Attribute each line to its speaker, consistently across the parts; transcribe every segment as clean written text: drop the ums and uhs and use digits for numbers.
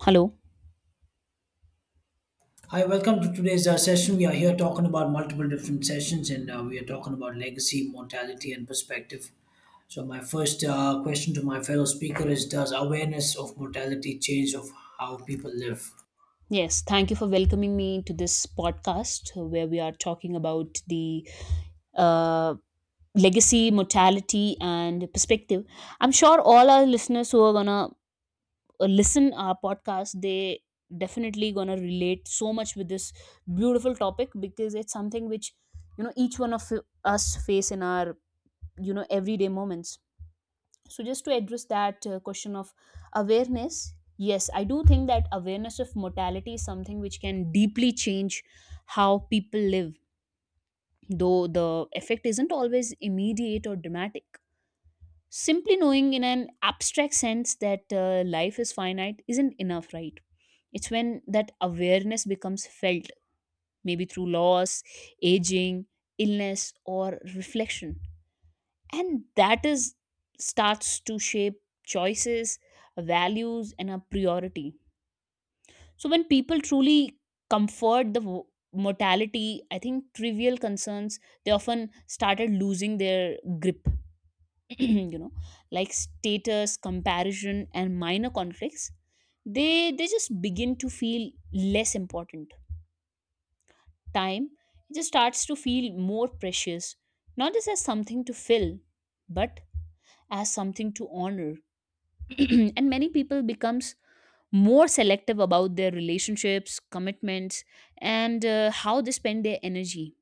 Speaker 1: Hello.
Speaker 2: Hi, welcome to today's session. We are here talking about multiple different sessions and we are talking about legacy, mortality, and perspective. So, my first question to my fellow speaker is, does awareness of mortality change of how people live?
Speaker 1: Yes, thank you for welcoming me to this podcast where we are talking about the uh, legacy, mortality, and perspective. I'm sure all our listeners who are gonna listen our podcast, they definitely gonna relate so much with this beautiful topic because it's something which each one of us face in our everyday moments. So just to address that question of awareness, yes, I do think that awareness of mortality is something which can deeply change how people live, though the effect isn't always immediate or dramatic. Simply knowing in an abstract sense that life is finite isn't enough, right? It's when that awareness becomes felt, maybe through loss, aging, illness or reflection, and that is starts to shape choices, values and a priority. So when people truly comfort the mortality, I think trivial concerns, they often started losing their grip. You know, like status comparison and minor conflicts, they just begin to feel less important. Time, it just starts to feel more precious, not just as something to fill, but as something to honor. And many people becomes more selective about their relationships, commitments, and how they spend their energy.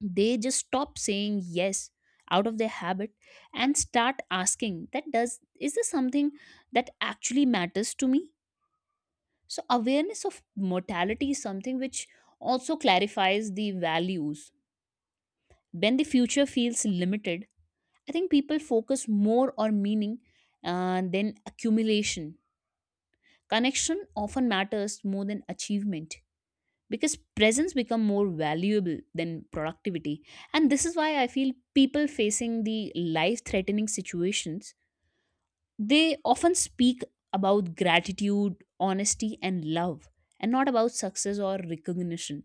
Speaker 1: They just stop saying yes out of their habit and start asking that does, is this something that actually matters to me? So awareness of mortality is something which also clarifies the values. When the future feels limited, I think people focus more on meaning than accumulation. Connection often matters more than achievement, because presence become more valuable than productivity. And this is why I feel people facing the life threatening situations, they often speak about gratitude, honesty and love, and not about success or recognition.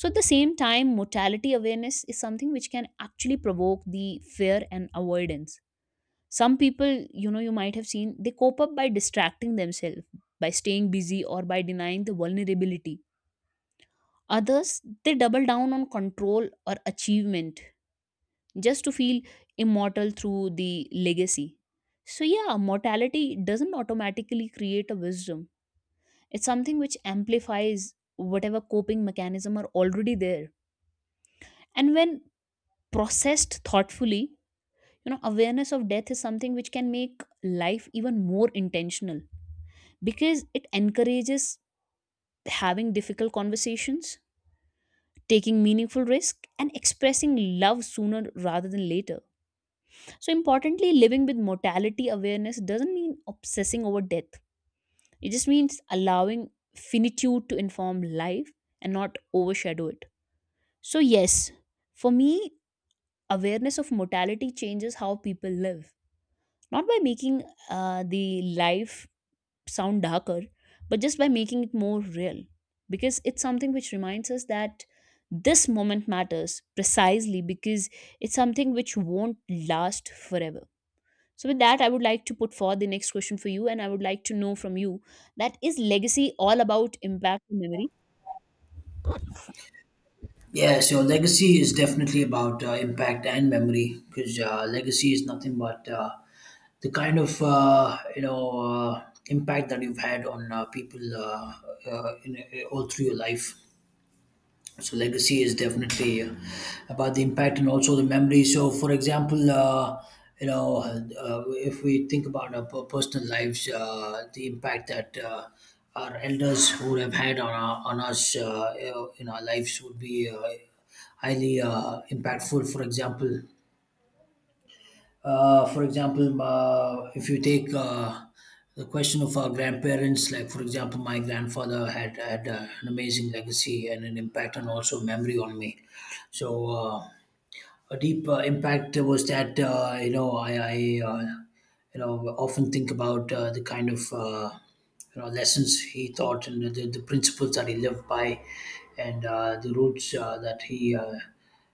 Speaker 1: So at the same time, mortality awareness is something which can actually provoke the fear and avoidance. Some people, you know, you might have seen they cope up by distracting themselves, by staying busy or by denying the vulnerability. Others, they double down on control or achievement, just to feel immortal through the legacy. So yeah, mortality doesn't automatically create a wisdom. It's something which amplifies whatever coping mechanism are already there. And when processed thoughtfully, you know, awareness of death is something which can make life even more intentional, because it encourages having difficult conversations, taking meaningful risk and expressing love sooner rather than later. So importantly, living with mortality awareness doesn't mean obsessing over death. It just means allowing finitude to inform life and not overshadow it. So yes, for me, awareness of mortality changes how people live, not by making the life sound darker, but just by making it more real. Because it's something which reminds us that this moment matters precisely because it's something which won't last forever. So, with that, I would like to put forward the next question for you, and I would like to know from you, that is legacy all about impact and memory?
Speaker 2: Yeah, so legacy is definitely about impact and memory because legacy is nothing but the kind of you know impact that you've had on people in, all through your life. So legacy is definitely about the impact and also the memory. So for example, you know, if we think about our personal lives, the impact that our elders would have had on, our, on us, you know, in our lives would be highly impactful. For example, for example, if you take the question of our grandparents, like for example, my grandfather had an amazing legacy and an impact and also memory on me. So a deep impact was that you know I uh, you know often think about the kind of you know lessons he taught and the principles that he lived by, and the roots that he.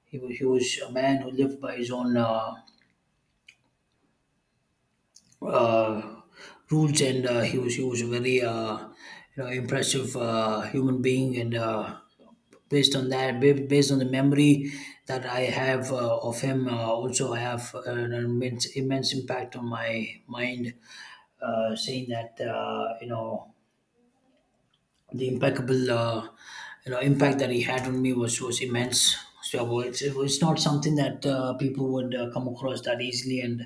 Speaker 2: He was a man who lived by his own uh, rules, and he was a very you know impressive human being. And based on that, based on the memory that I have of him, also I have an immense impact on my mind, saying that you know the impeccable you know impact that he had on me was immense. So well, it was not something that people would come across that easily, and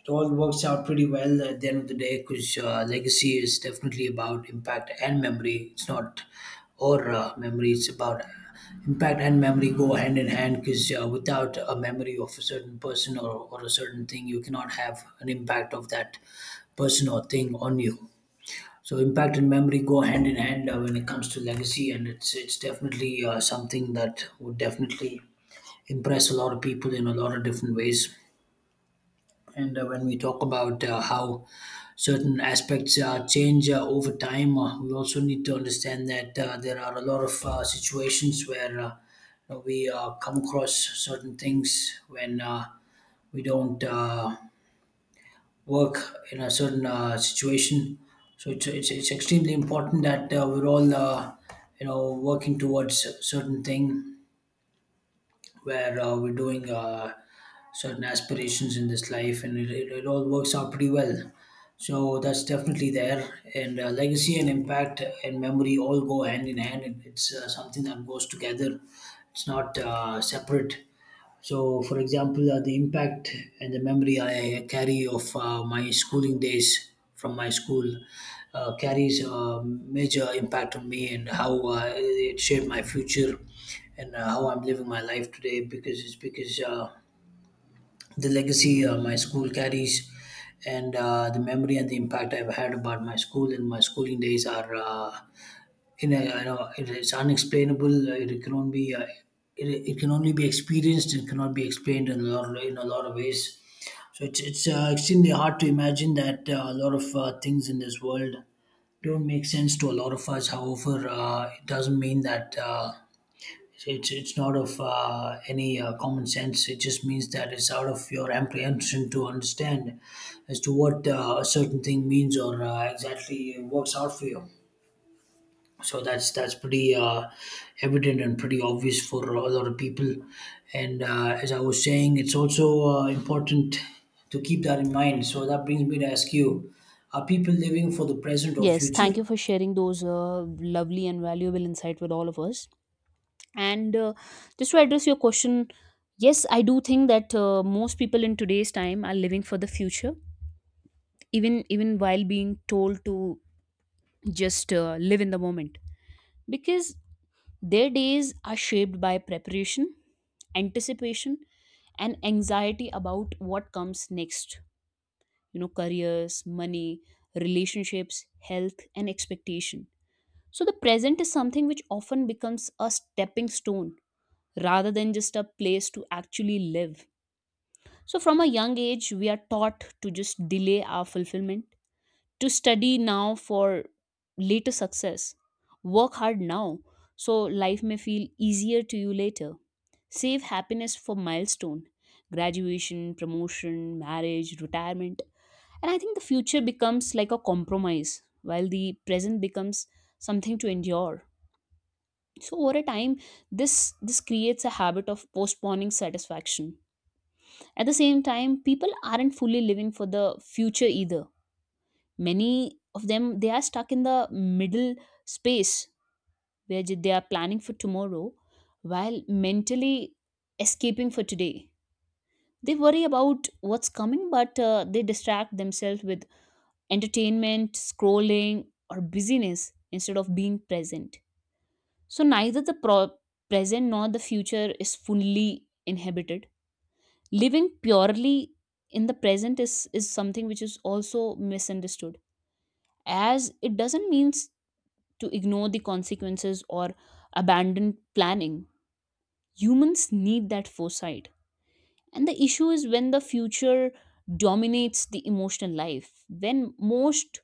Speaker 2: it all works out pretty well at the end of the day because legacy is definitely about impact and memory. It's not or uh, memory it's about impact and memory go hand in hand because without a memory of a certain person or a certain thing, you cannot have an impact of that person or thing on you. So impact and memory go hand in hand when it comes to legacy, and it's definitely something that would definitely impress a lot of people in a lot of different ways. And when we talk about how certain aspects change over time, we also need to understand that there are a lot of situations where you know, we come across certain things when we don't. Work in a certain situation. So it's extremely important that we're all, you know, working towards a certain thing where we're doing certain aspirations in this life, and it all works out pretty well. So that's definitely there. And legacy and impact and memory all go hand in hand. It's something that goes together. It's not separate. So, for example, the impact and the memory I carry of my schooling days from my school carries a major impact on me and how it shaped my future and how I'm living my life today because it's because the legacy my school carries and the memory and the impact I've had about my school and my schooling days are. In a, you know, it is unexplainable. Uh, it, can only be it can only be experienced, it cannot be explained in a lot in a lot of ways. So it's extremely hard to imagine that a lot of things in this world don't make sense to a lot of us. However, it doesn't mean that it's not of any common sense. It just means that it's out of your apprehension to understand as to what a certain thing means or exactly works out for you. So that's pretty evident and pretty obvious for a lot of people. And as I was saying, it's also important to keep that in mind. So that brings me to ask you, are people living for the present or
Speaker 1: Yes, thank
Speaker 2: future?
Speaker 1: you for sharing those lovely and valuable insight with all of us. And just to address your question, yes, I do think that most people in today's time are living for the future, even while being told to just live in the moment, because their days are shaped by preparation, anticipation and anxiety about what comes next. You know, careers, money, relationships, health and expectation. So the present is something which often becomes a stepping stone rather than just a place to actually live. So from a young age we are taught to just delay our fulfillment, to study now for later success. Work hard now so life may feel easier to you later. Save happiness for milestone, graduation, promotion, marriage, retirement. And I think the future becomes like a compromise while the present becomes something to endure. So over a time, this this creates a habit of postponing satisfaction. At the same time, people aren't fully living for the future either. Many of them, they are stuck in the middle space where they are planning for tomorrow while mentally escaping for today. They worry about what's coming, but they distract themselves with entertainment, scrolling or busyness instead of being present. So neither the present nor the future is fully inhabited. Living purely in the present is something which is also misunderstood, as it doesn't mean to ignore the consequences or abandon planning. Humans need that foresight. And the issue is when the future dominates the emotional life, when most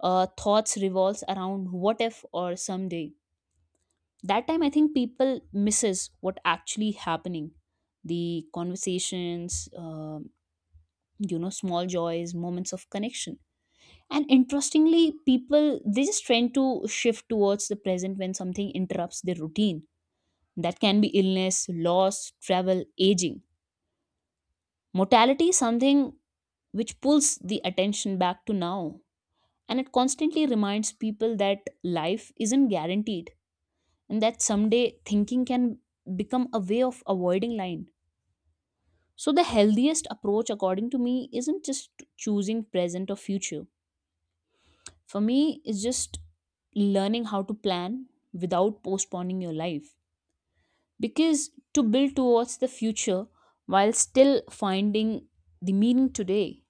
Speaker 1: thoughts revolves around what if or someday. That time I think people misses what actually happening. The conversations, you know, small joys, moments of connection. And interestingly, people they just tend to shift towards the present when something interrupts their routine, that can be illness, loss, travel, aging. Mortality is something which pulls the attention back to now, and it constantly reminds people that life isn't guaranteed and that someday thinking can become a way of avoiding line. So, the healthiest approach, according to me, isn't just choosing present or future. For me, it's just learning how to plan without postponing your life, because to build towards the future while still finding the meaning today,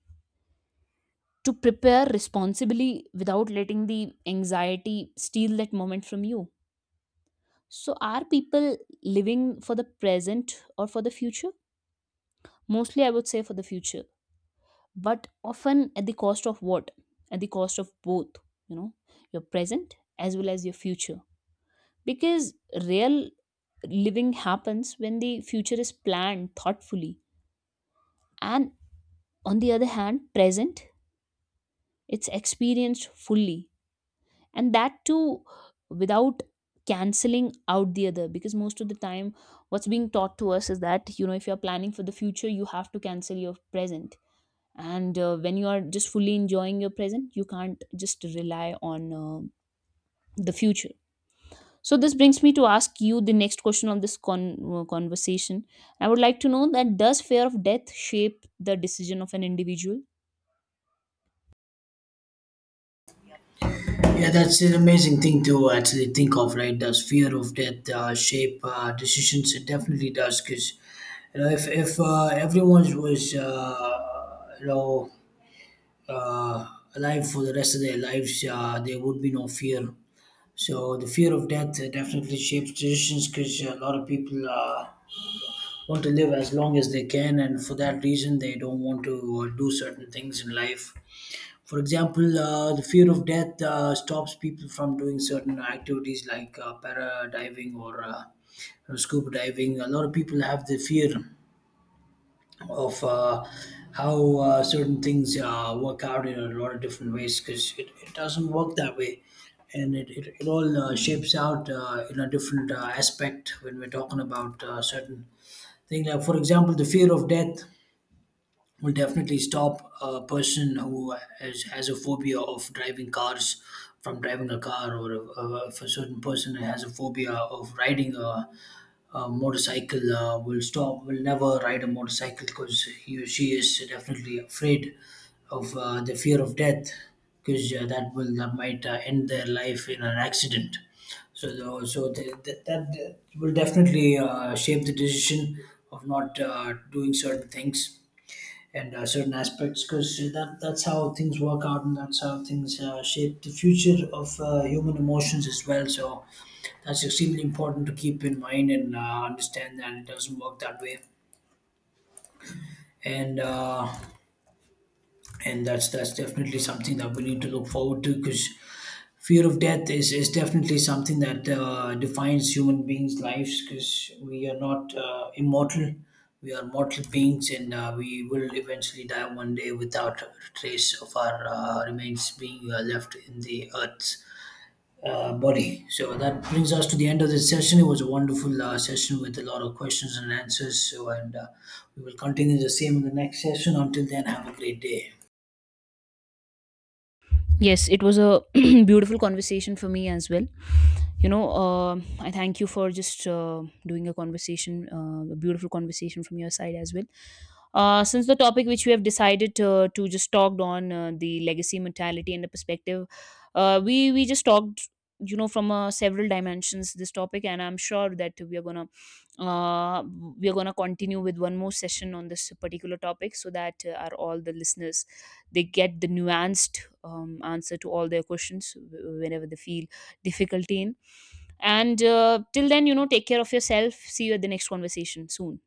Speaker 1: to prepare responsibly without letting the anxiety steal that moment from you. So, are people living for the present or for the future? Mostly, I would say for the future, but often at the cost of what? At the cost of both, you know, your present as well as your future. Because real living happens when the future is planned thoughtfully, and on the other hand, present, it's experienced fully, and that too without canceling out the other. Because most of the time what's being taught to us is that, you know, if you're planning for the future you have to cancel your present, and when you are just fully enjoying your present you can't just rely on the future. So this brings me to ask you the next question of this conversation. I would like to know that does fear of death shape the decision of an individual?
Speaker 2: Yeah, that's an amazing thing to actually think of, right? Does fear of death shape decisions? It definitely does because you know if everyone was you know uh, alive for the rest of their lives, there would be no fear. So the fear of death definitely shapes decisions because a lot of people want to live as long as they can, and for that reason, they don't want to do certain things in life. For example, the fear of death stops people from doing certain activities like para diving or scuba diving. A lot of people have the fear of how certain things work out in a lot of different ways because it doesn't work that way, and it all shapes out in a different aspect when we're talking about certain things. Like for example, the fear of death will definitely stop a person who has a phobia of driving cars from driving a car, or if a certain person has a phobia of riding a motorcycle, will never ride a motorcycle because he or she is definitely afraid of the fear of death because that might end their life in an accident. So that that will definitely shape the decision of not doing certain things and certain aspects because that's how things work out, and that's how things shape the future of human emotions as well. So that's extremely important to keep in mind and understand that it doesn't work that way. And that's definitely something that we need to look forward to because fear of death is definitely something that defines human beings' lives because we are not immortal. We are mortal beings, and we will eventually die one day without a trace of our remains being left in the earth's body. So that brings us to the end of this session. It was a wonderful session with a lot of questions and answers. So, and we will continue the same in the next session. Until then, have a great day.
Speaker 1: Yes, it was a beautiful conversation for me as well. You know, I thank you for just doing a conversation, a beautiful conversation from your side as well. Since the topic which we have decided to just talked on, the legacy, mentality and the perspective, we just talked, you know, from several dimensions this topic, and I'm sure that uh, we are gonna continue with one more session on this particular topic, so that our all the listeners, they get the nuanced answer to all their questions whenever they feel difficulty in. And till then, you know, take care of yourself. See you at the next conversation soon.